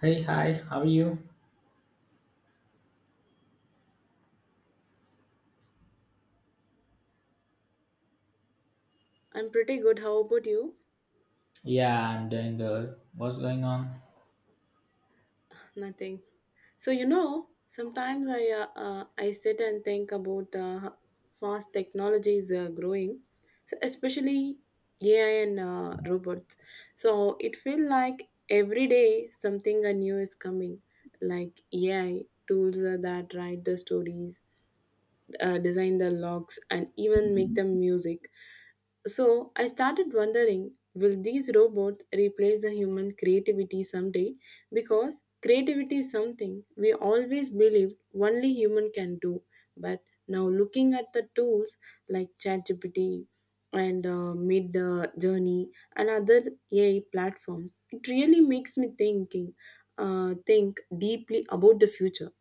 Hey, hi, how are you? I'm pretty good. How about you? Yeah, I'm doing good. What's going on? Nothing. Sometimes I sit and think about how fast technology is growing, so especially AI and robots. So it feels like every day something new is coming, like AI tools that write the stories, design the logs, and even make the music. So I started wondering, will these robots replace the human creativity someday? Because creativity is something we always believed only human can do. But now looking at the tools like ChatGPT and Mid Journey and other AI platforms, it really makes me think deeply about the future.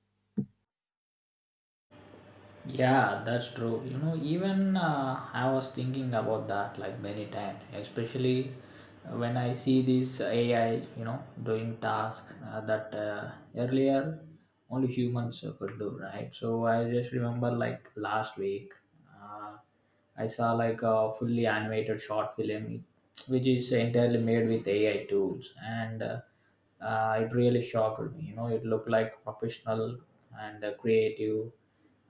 Yeah, that's true. You know, even I was thinking about that like many times, especially when I see this AI, you know, doing tasks that earlier only humans could do, right? So I just remember like last week, uh, I saw like a fully animated short film which is entirely made with AI tools, and it really shocked me. You know, it looked like professional and creative.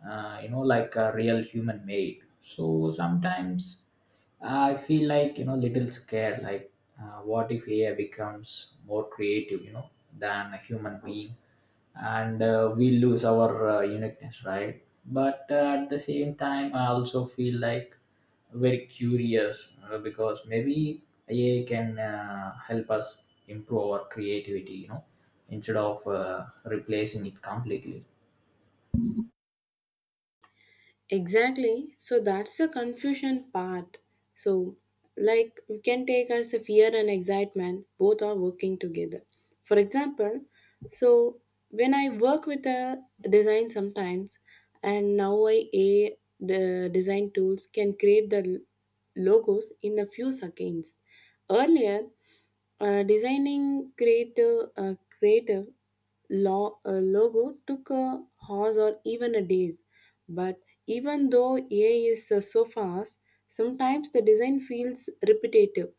You know, like a real human made. So sometimes I feel like, you know, little scared. Like, what if AI becomes more creative? You know, than a human being, and we lose our uniqueness, right? But at the same time, I also feel like very curious because maybe AI can help us improve our creativity, you know, instead of replacing it completely. Exactly. So that's the confusion part. So, like, you can take as a fear and excitement, both are working together. For example, so when I work with a design sometimes, and now I a the design tools can create the logos in a few seconds. Earlier, designing creative, creative logo took a hours or even a days. But even though AI is so fast, sometimes the design feels repetitive,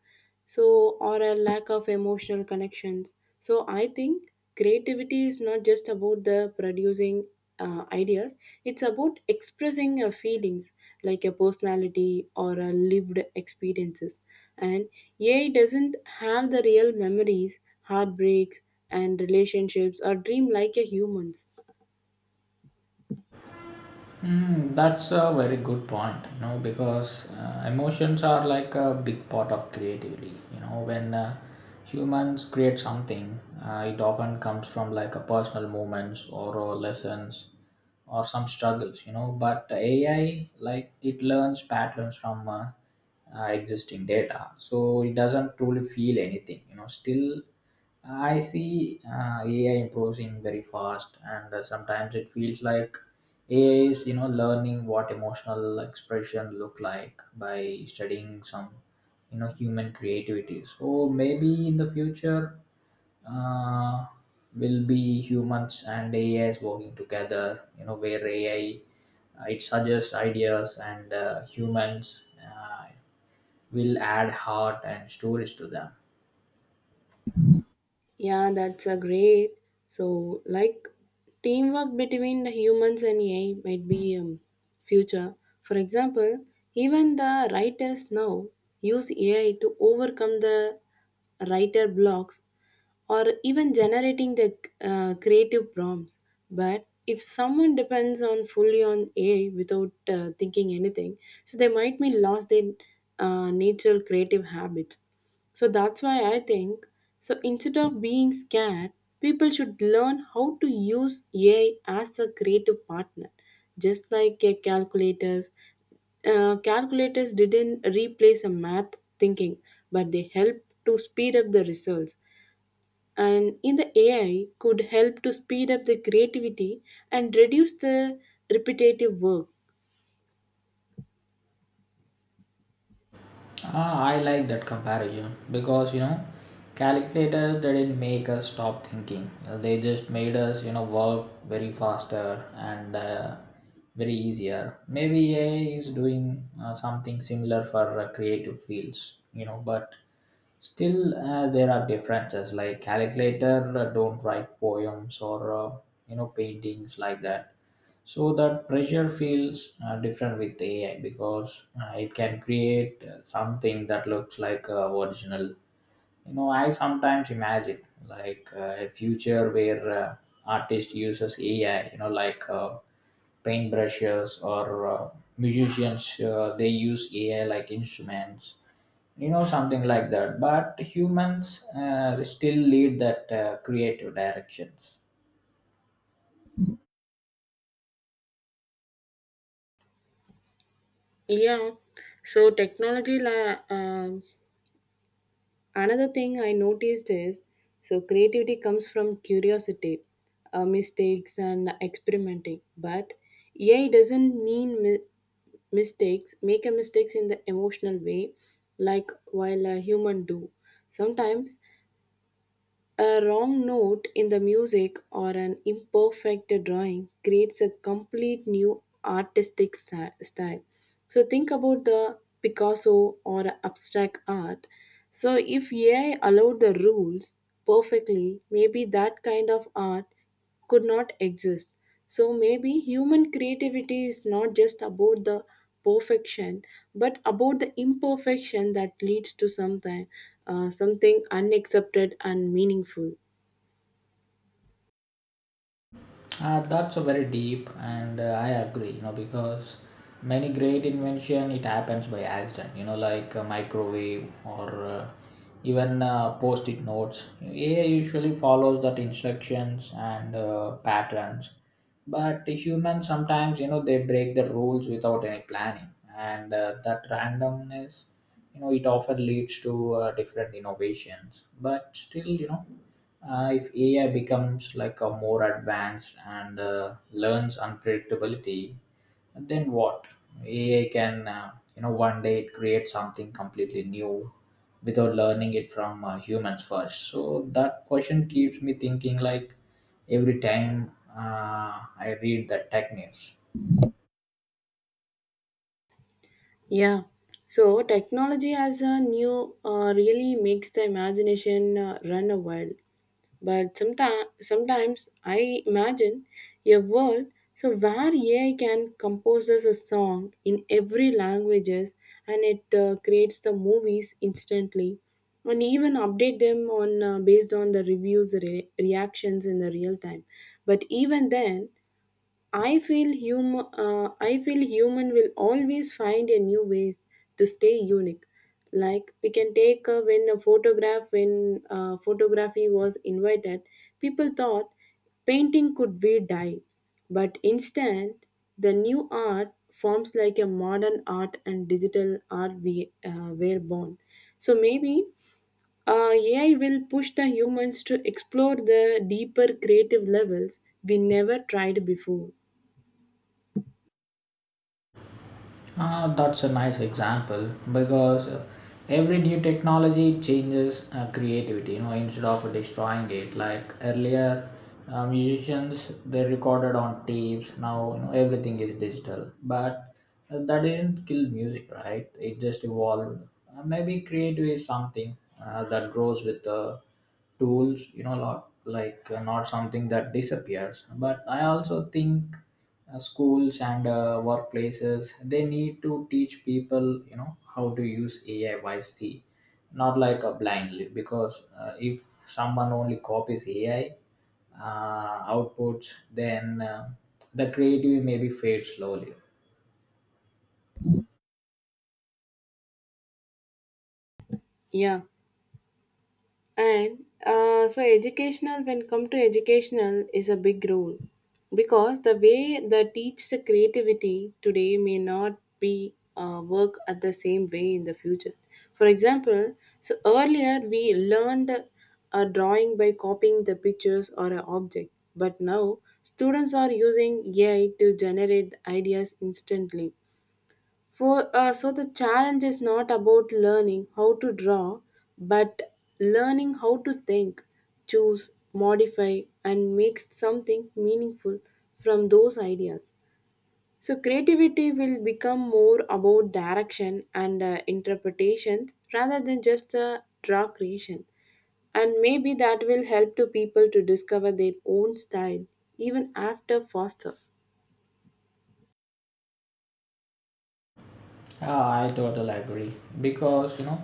so or a lack of emotional connections. So I think creativity is not just about the producing ideas; it's about expressing feelings like a personality or a lived experiences. And AI doesn't have the real memories, heartbreaks, and relationships or dream like a humans. Mm, that's a very good point, you know, because emotions are like a big part of creativity. You know, when humans create something, it often comes from like a personal moments, or lessons or some struggles, you know. But AI, like, it learns patterns from existing data, so it doesn't truly feel anything. You know, still I see AI improves in very fast, and sometimes it feels like AI is, you know, learning what emotional expression look like by studying some, you know, human creativity. So maybe in the future, uh, will be humans and AI is working together. You know, where AI, it suggests ideas, and humans will add heart and stories to them. Yeah, that's a great. So, like, teamwork between the humans and AI might be future. For example, even the writers now use AI to overcome the writer blocks or even generating the creative prompts. But if someone depends on fully on AI without thinking anything, so they might be lost their natural creative habits. So that's why I think so instead of being scared, people should learn how to use AI as a creative partner, just like a calculators didn't replace a math thinking, but they help to speed up the results, and in the AI could help to speed up the creativity and reduce the repetitive work. Ah, I like that comparison, because, you know, calculators, they didn't make us stop thinking. They just made us, you know, work very faster and very easier. Maybe AI is doing something similar for creative fields, you know, but still, there are differences. Like calculator don't write poems, or you know, paintings like that. So that pressure feels different with AI, because it can create something that looks like original. You know, I sometimes imagine like a future where artist uses AI, you know, like paintbrushes, or musicians they use AI like instruments, you know, something like that, but humans still lead that creative directions. Yeah. So another thing I noticed is so creativity comes from curiosity, mistakes and experimenting, but AI doesn't mistakes, make a mistakes in the emotional way like while a human do sometimes. A wrong note in the music or an imperfect drawing creates a complete new artistic style. So think about the Picasso or abstract art. So if AI allowed the rules perfectly, maybe that kind of art could not exist. So maybe human creativity is not just about the perfection, but about the imperfection that leads to something, something unaccepted and meaningful. That's a very deep, and I agree. You know, because many great invention it happens by accident. You know, like a microwave or even post-it notes. AI usually follows that instructions and patterns, but humans sometimes, you know, they break the rules without any planning, and that randomness, you know, it often leads to different innovations. But still, you know, if AI becomes like a more advanced and learns unpredictability, then what? AI can, you know, one day it creates something completely new without learning it from humans first. So that question keeps me thinking like every time I read the tech news. Yeah. So technology as a new really makes the imagination run a wild. But sometimes I imagine a world so where AI can compose us a song in every languages, and it creates the movies instantly, and even update them on based on the reviews reactions in the real time. But even then, I feel human. I feel human will always find a new ways to stay unique. Like we can take when photography was invited, people thought painting could be dyed, but instead the new art forms like a modern art and digital art we were born. So maybe AI will push the humans to explore the deeper creative levels we never tried before. Ah, that's a nice example, because every new technology changes creativity. You know, instead of destroying it, like earlier, musicians they recorded on tapes. Now, you know, everything is digital, but that didn't kill music, right? It just evolved. Maybe creative is something that grows with the tools, you know, lot like, not something that disappears, but I also think schools and workplaces, they need to teach people, you know, how to use AI wisely, not like blindly, because if someone only copies AI outputs, then the creativity maybe fades slowly. Yeah, and so educational, when come to educational, is a big role because the way they teach the creativity today may not be work at the same way in the future. For example, so earlier we learned a drawing by copying the pictures or an object, but now students are using AI to generate ideas instantly for so the challenge is not about learning how to draw, but learning how to think, choose, modify, and make something meaningful from those ideas. So creativity will become more about direction and interpretation rather than just draw creation. And maybe that will help to people to discover their own style even after Foster. Ah, I totally agree, because, you know,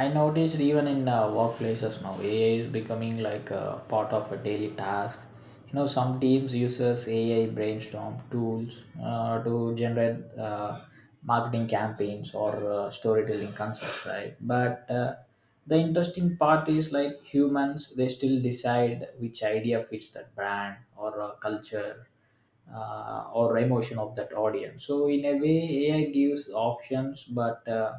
I noticed even in workplaces now AI is becoming like a part of a daily task. You know, some teams uses AI brainstorm tools to generate marketing campaigns or storytelling concepts, right? But the interesting part is like humans they still decide which idea fits that brand or culture or emotion of that audience, so in a way AI gives options, but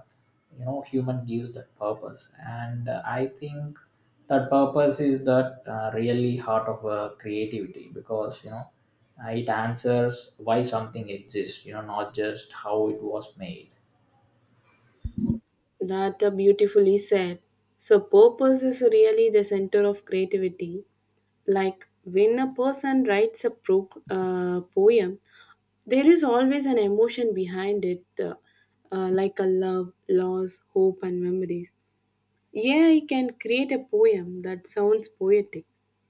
you know, human gives that purpose, and I think that purpose is that really heart of creativity, because, you know, it answers why something exists, you know, not just how it was made. That beautifully said. So, purpose is really the center of creativity. Like when a person writes a poem, there is always an emotion behind it, like a love, loss, hope, and memories. Yeah, you can create a poem that sounds poetic,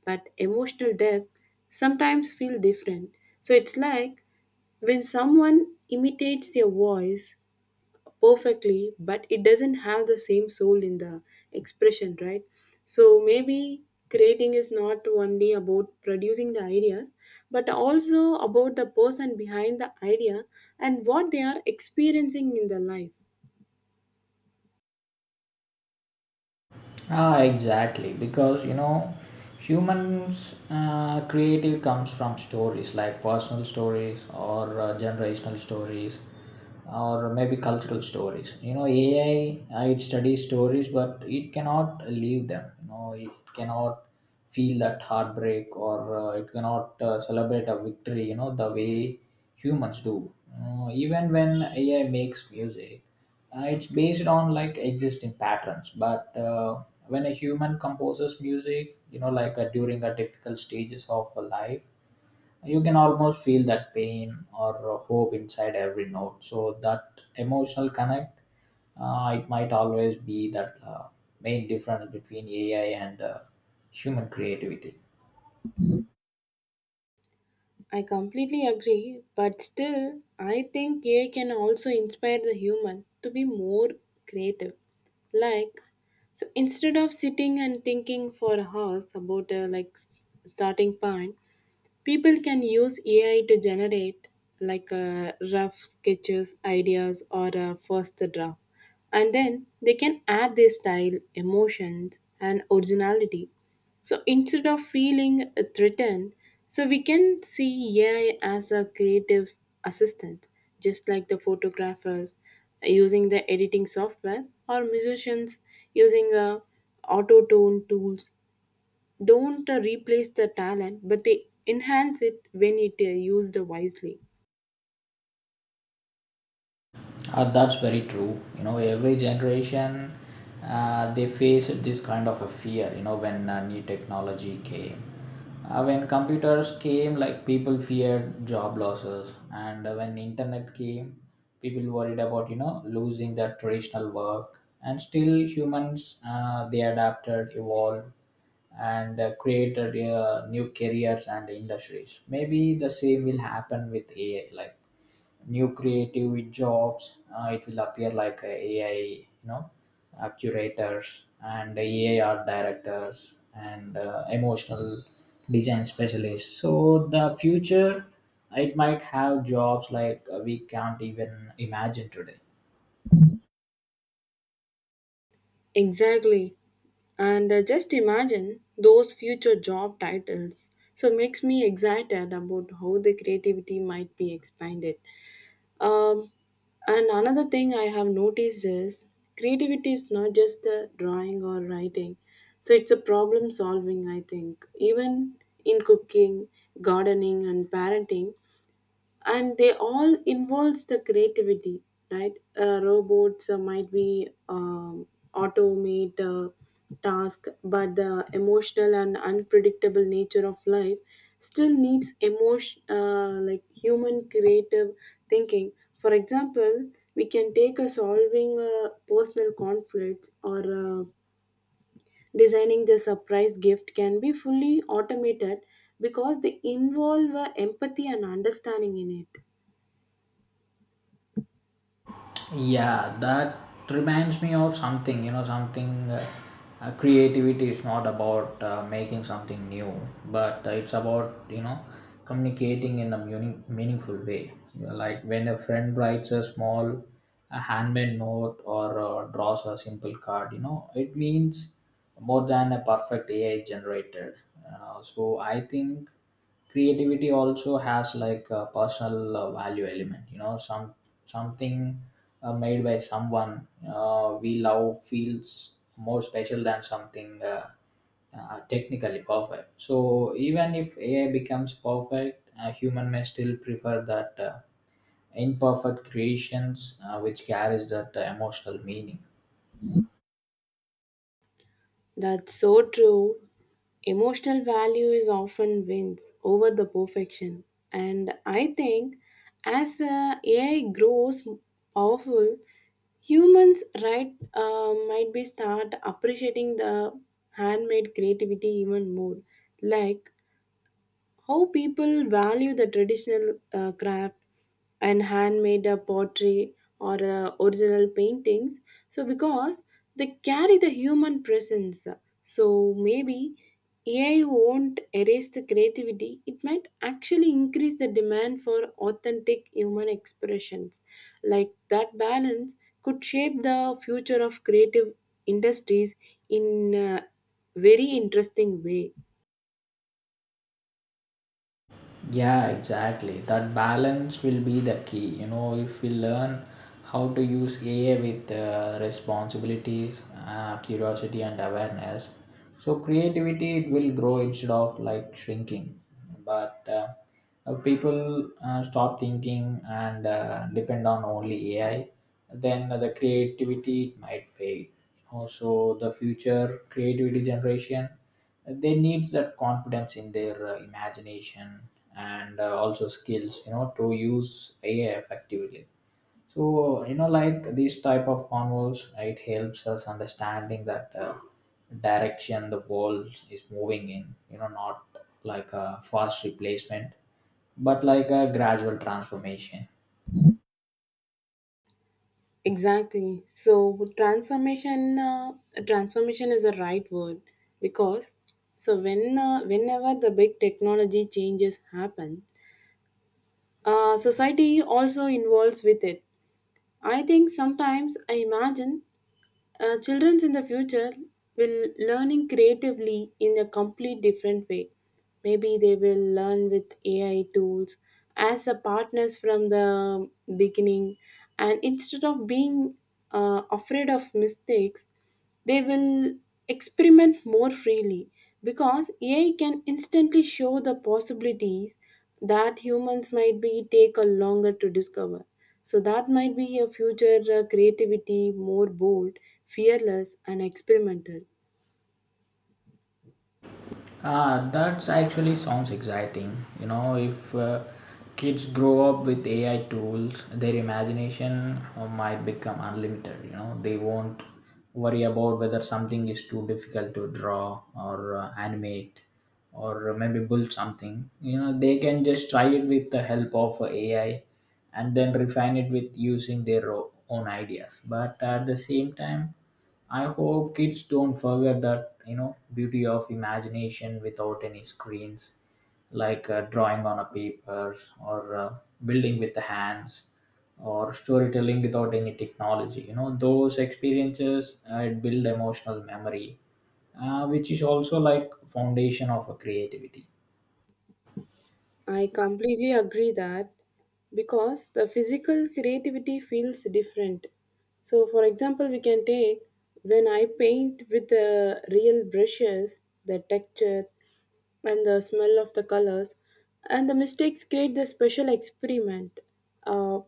but emotional depth sometimes feel different. So, it's like when someone imitates their voice perfectly, but it doesn't have the same soul in the expression, right? So maybe creating is not only about producing the ideas, but also about the person behind the idea and what they are experiencing in their life. Ah, exactly. Because, you know, humans' creative comes from stories, like personal stories or generational stories, or maybe cultural stories. You know, AI, it studies stories, but it cannot leave them. You know, it cannot feel that heartbreak, or it cannot celebrate a victory. You know, the way humans do. Even when AI makes music, it's based on like existing patterns, but. When a human composes music, you know, like during a difficult stages of a life, you can almost feel that pain or hope inside every note, so that emotional connect it might always be that main difference between AI and human creativity. I completely agree, but still, I think AI can also inspire the human to be more creative. Like, so instead of sitting and thinking for hours about a starting point, people can use AI to generate like rough sketches, ideas, or a first draft, and then they can add their style, emotions, and originality. So instead of feeling threatened, so we can see AI as a creative assistant, just like the photographers using the editing software or musicians using auto tune tools don't replace the talent, but they enhance it when it used wisely. That's very true. You know, every generation they faced this kind of a fear. You know, when new technology came, when computers came, like people feared job losses, and when internet came, people worried about, you know, losing their traditional work. And still, humans they adapted, evolved, and created new careers and industries. Maybe the same will happen with AI. Like new creative jobs. It will appear like a AI, you know, curators and AI art directors and emotional design specialists. So the future, it might have jobs like we can't even imagine today. Exactly. And just imagine those future job titles. So makes me excited about how the creativity might be expanded. Um, and another thing I have noticed is creativity is not just the drawing or writing. So it's a problem solving, I think. Even in cooking, gardening, and parenting, and they all involves the creativity, right? Robots might be automate task, but the emotional and unpredictable nature of life still needs emotion like human creative thinking. For example, we can take a solving personal conflicts or designing the surprise gift can be fully automated because they involve empathy and understanding in it. Yeah, that reminds me of something, you know, something creativity is not about making something new, but it's about, you know, communicating in a meaningful way. You know, like when a friend writes a small a handmade note or draws a simple card, you know, it means more than a perfect AI generated. So I think creativity also has like a personal value element, you know, something made by someone we love feels more special than something technically perfect, so even if AI becomes perfect, a human may still prefer that imperfect creations which carries that emotional meaning. That's so true. Emotional value is often wins over the perfection. And I think as AI grows powerful, humans right might be start appreciating the handmade creativity even more. Like how people value the traditional craft and handmade pottery or original paintings, so because they carry the human presence. So maybe AI won't erase the creativity, it might actually increase the demand for authentic human expressions. Like that balance could shape the future of creative industries in a very interesting way. Yeah, exactly. That balance will be the key. You know, if we learn how to use AI with responsibilities, curiosity, and awareness, so creativity it will grow instead of like shrinking. But people stop thinking and depend on only AI, then the creativity it might fade. Also, the future creativity generation they need that confidence in their imagination and also skills, you know, to use AI effectively, so you know, like these type of convos, it helps us understanding that direction the world is moving in, you know, not like a fast replacement, but like a gradual transformation. Exactly. So transformation, transformation is the right word because so when whenever the big technology changes happen, society also involves with it. I think sometimes I imagine children in the future will learning creatively in a complete different way. Maybe they will learn with AI tools as a partners from the beginning, and instead of being afraid of mistakes, they will experiment more freely because AI can instantly show the possibilities that humans might be take a longer to discover. So that might be a future creativity more bold, fearless and experimental. Ah, that's actually sounds exciting. You know, if kids grow up with AI tools, their imagination might become unlimited. You know, they won't worry about whether something is too difficult to draw or animate or maybe build something. You know, they can just try it with the help of AI, and then refine it with using their own ideas. But at the same time, I hope kids don't forget that, you know, beauty of imagination without any screens, like drawing on a paper or building with the hands or storytelling without any technology. You know, those experiences it build emotional memory, which is also like foundation of a creativity. I completely agree that because the physical creativity feels different. So, for example, we can take when I paint with the real brushes, the texture and the smell of the colors, and the mistakes create the special experiment uh,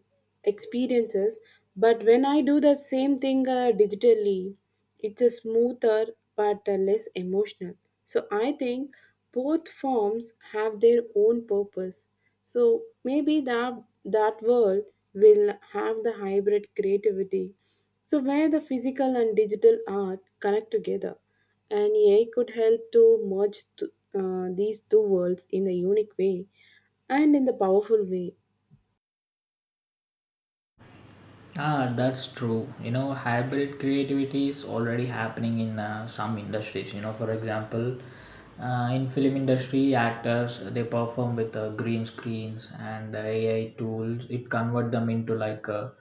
experiences. But when I do that same thing digitally, it's a smoother but less emotional. So I think both forms have their own purpose. So maybe that world will have the hybrid creativity. So where the physical and digital art connect together, and AI could help to merge these two worlds in a unique way and in the powerful way. Ah, that's true. You know, hybrid creativity is already happening in some industries. You know, for example, in film industry, actors they perform with green screens and AI tools. It convert them into like a,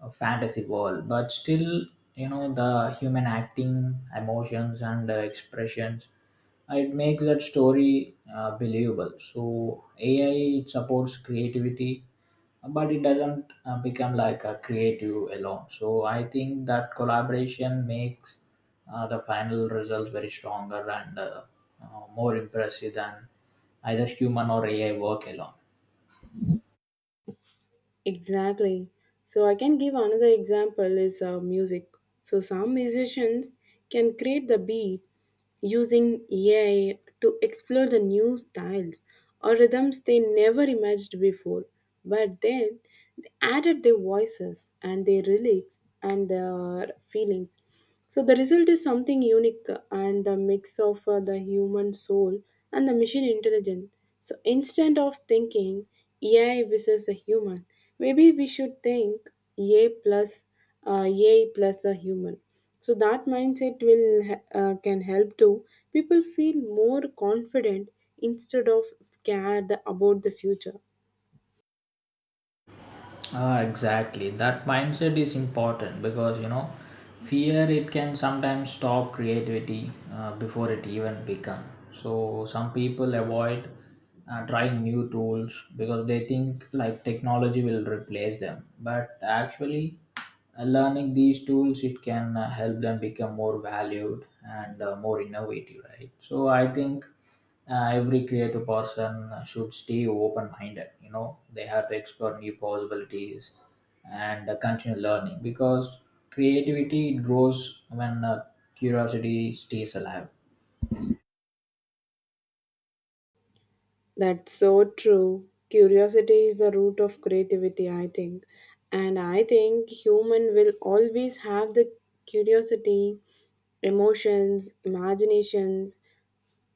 a fantasy world. But still, you know, the human acting, emotions, and expressions, it makes that story believable. So AI, it supports creativity, but it doesn't become like a creative alone, so I think that collaboration makes the final results very stronger and more impressive than either human or AI work alone. Exactly. So I can give another example is music. So some musicians can create the beat using AI to explore the new styles or rhythms they never imagined before. But then they added their voices and their lyrics and their feelings. So the result is something unique and the mix of the human soul and the machine intelligence. So instead of thinking AI versus a human, maybe we should think AI plus AI plus a human. So that mindset will can help to people feel more confident instead of scared about the future. Ah, exactly. That mindset is important, because, you know, fear it can sometimes stop creativity before it even becomes. So some people avoid trying new tools because they think like technology will replace them, but actually learning these tools it can help them become more valued and more innovative, right? So I think every creative person should stay open minded, you know, they have to explore new possibilities and continue learning, because creativity grows when curiosity stays alive. That's so true. Curiosity is the root of creativity, I think. And I think human will always have the curiosity, emotions, imaginations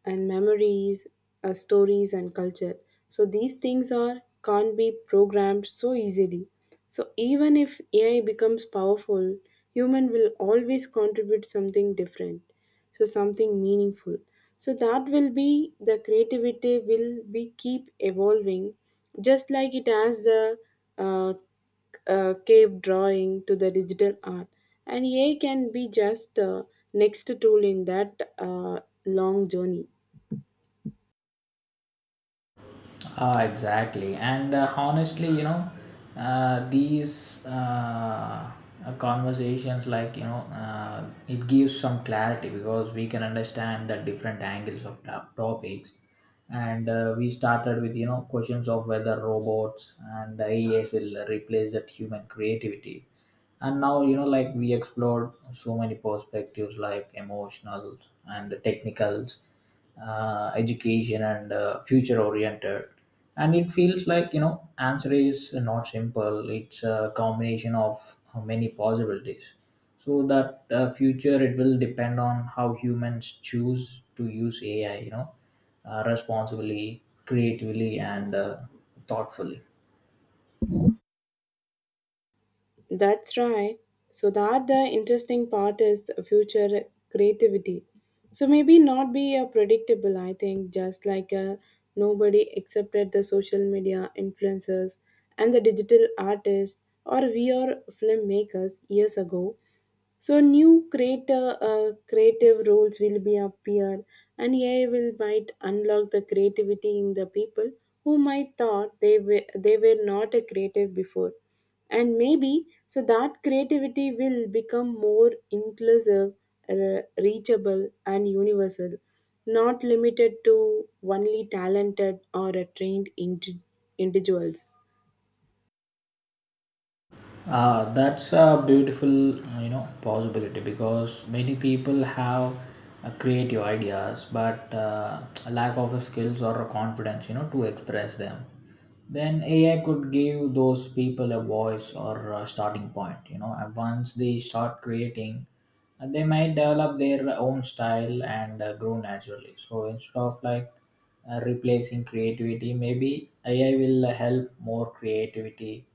and memories, stories, and culture. So these things are can't be programmed so easily. So even if AI becomes powerful, human will always contribute something different, so something meaningful. So that will be the creativity will be keep evolving, just like it has the uh, cave drawing to the digital art, and AI can be just a next tool in that long journey. Ah, exactly. And honestly, you know, these conversations, like, you know, it gives some clarity because we can understand the different angles of topics. And we started with, you know, questions of whether robots and AIs will replace that human creativity, and now, you know, like we explored so many perspectives, like emotional and technicals, education and future oriented, and it feels like, you know, answer is not simple, it's a combination of many possibilities, so that future it will depend on how humans choose to use AI, you know, responsibly, creatively, and thoughtfully. That's right. So that the interesting part is future creativity. So maybe not be a predictable. I think just like a nobody accepted the social media influencers and the digital artists or we are filmmakers years ago. So new creator creative roles will be appear, and AI will might unlock the creativity in the people who might thought they were not a creative before, and maybe so that creativity will become more inclusive, reachable, and universal, not limited to only talented or trained individuals. That's a beautiful, you know, possibility because many people have creative ideas, but a lack of skills or a confidence, you know, to express them. Then AI could give those people a voice or a starting point. You know, and once they start creating, they might develop their own style and grow naturally. So instead of like replacing creativity, maybe AI will help more creativity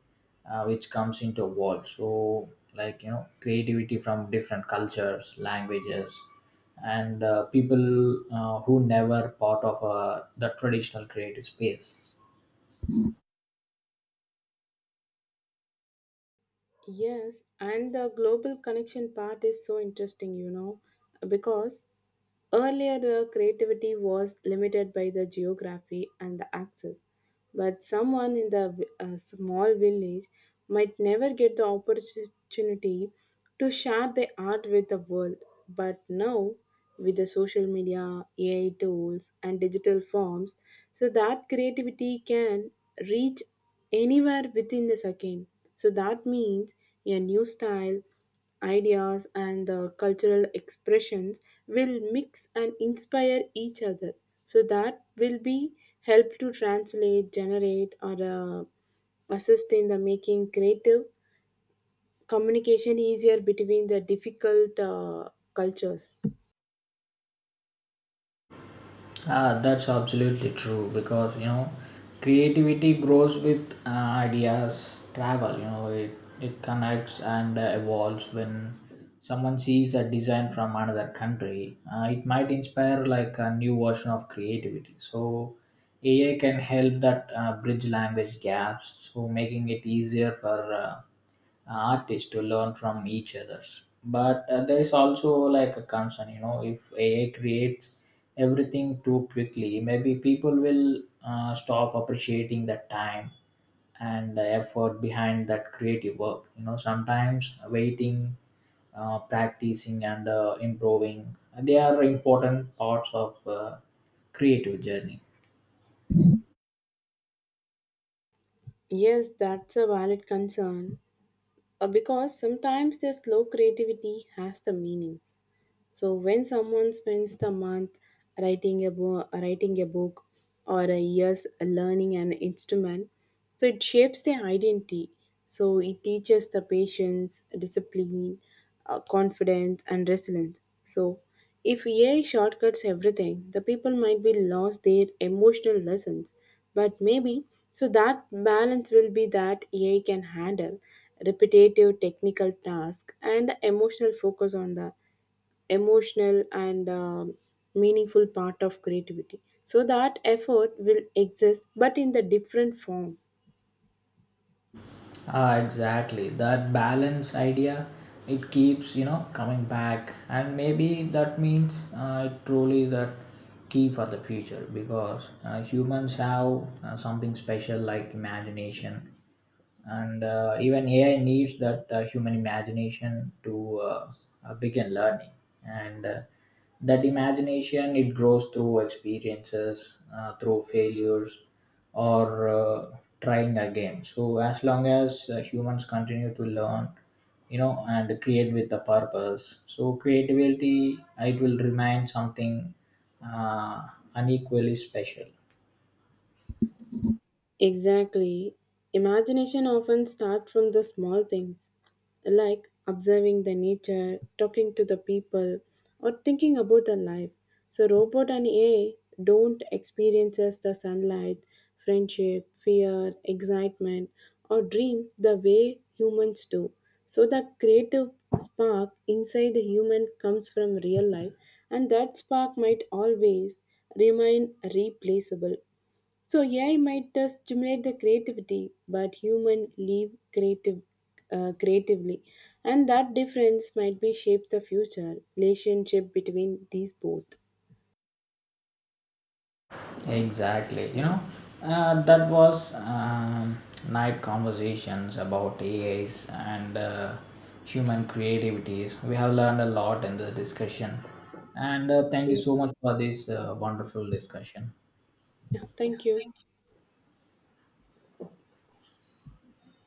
which comes into a world, so like, you know, creativity from different cultures, languages, and people who never part of the traditional creative space. Yes, and the global connection part is so interesting, you know, because earlier, the creativity was limited by the geography and the access, but someone in the a small village might never get the opportunity to share their art with the world. But now, with the social media, AI tools, and digital forms, so that creativity can reach anywhere within the second. So that means a new style ideas and the cultural expressions will mix and inspire each other. So that will be help to translate generate or assist in the making creative communication easier between the difficult cultures. That's absolutely true, because, you know, creativity grows with ideas travel, you know, it connects and evolves when someone sees a design from another country, it might inspire like a new version of creativity, so AI can help that bridge language gaps, so making it easier for artists to learn from each other. But there is also like a concern, you know, if AI creates everything too quickly, maybe people will stop appreciating the time and the effort behind that creative work. You know, sometimes waiting, practicing, and improving, they are important parts of creative journey. Yes, that's a valid concern, because sometimes the slow creativity has the meanings. So when someone spends the month writing a book, or a years learning an instrument, so it shapes their identity. So it teaches the patience, discipline, confidence, and resilience. So if AI shortcuts everything, the people might be lost their emotional lessons. But maybe so that balance will be that AI can handle repetitive technical task and the emotional focus on the emotional and meaningful part of creativity, so that effort will exist but in the different form. Ah, exactly. That balance idea, it keeps, you know, coming back. And maybe that means truly that key for the future, because humans have something special like imagination, and even AI needs that human imagination to begin learning, and that imagination it grows through experiences through failures or trying again, so as long as humans continue to learn, you know, and create with a purpose, so creativity it will remain something uh, unequally special. Exactly. Imagination often starts from the small things like observing the nature, talking to the people, or thinking about the life. So robot and AI don't experiences the sunlight, friendship, fear, excitement, or dream the way humans do. So the creative spark inside the human comes from real life, and that spark might always remain replaceable. So AI might stimulate the creativity, but human live creative creatively, and that difference might be shape the future relationship between these both. Exactly. You know, that was night conversations about AIs and human creativities. We have learned a lot in this discussion. And thank you Yeah. so much for this wonderful discussion. Thank you.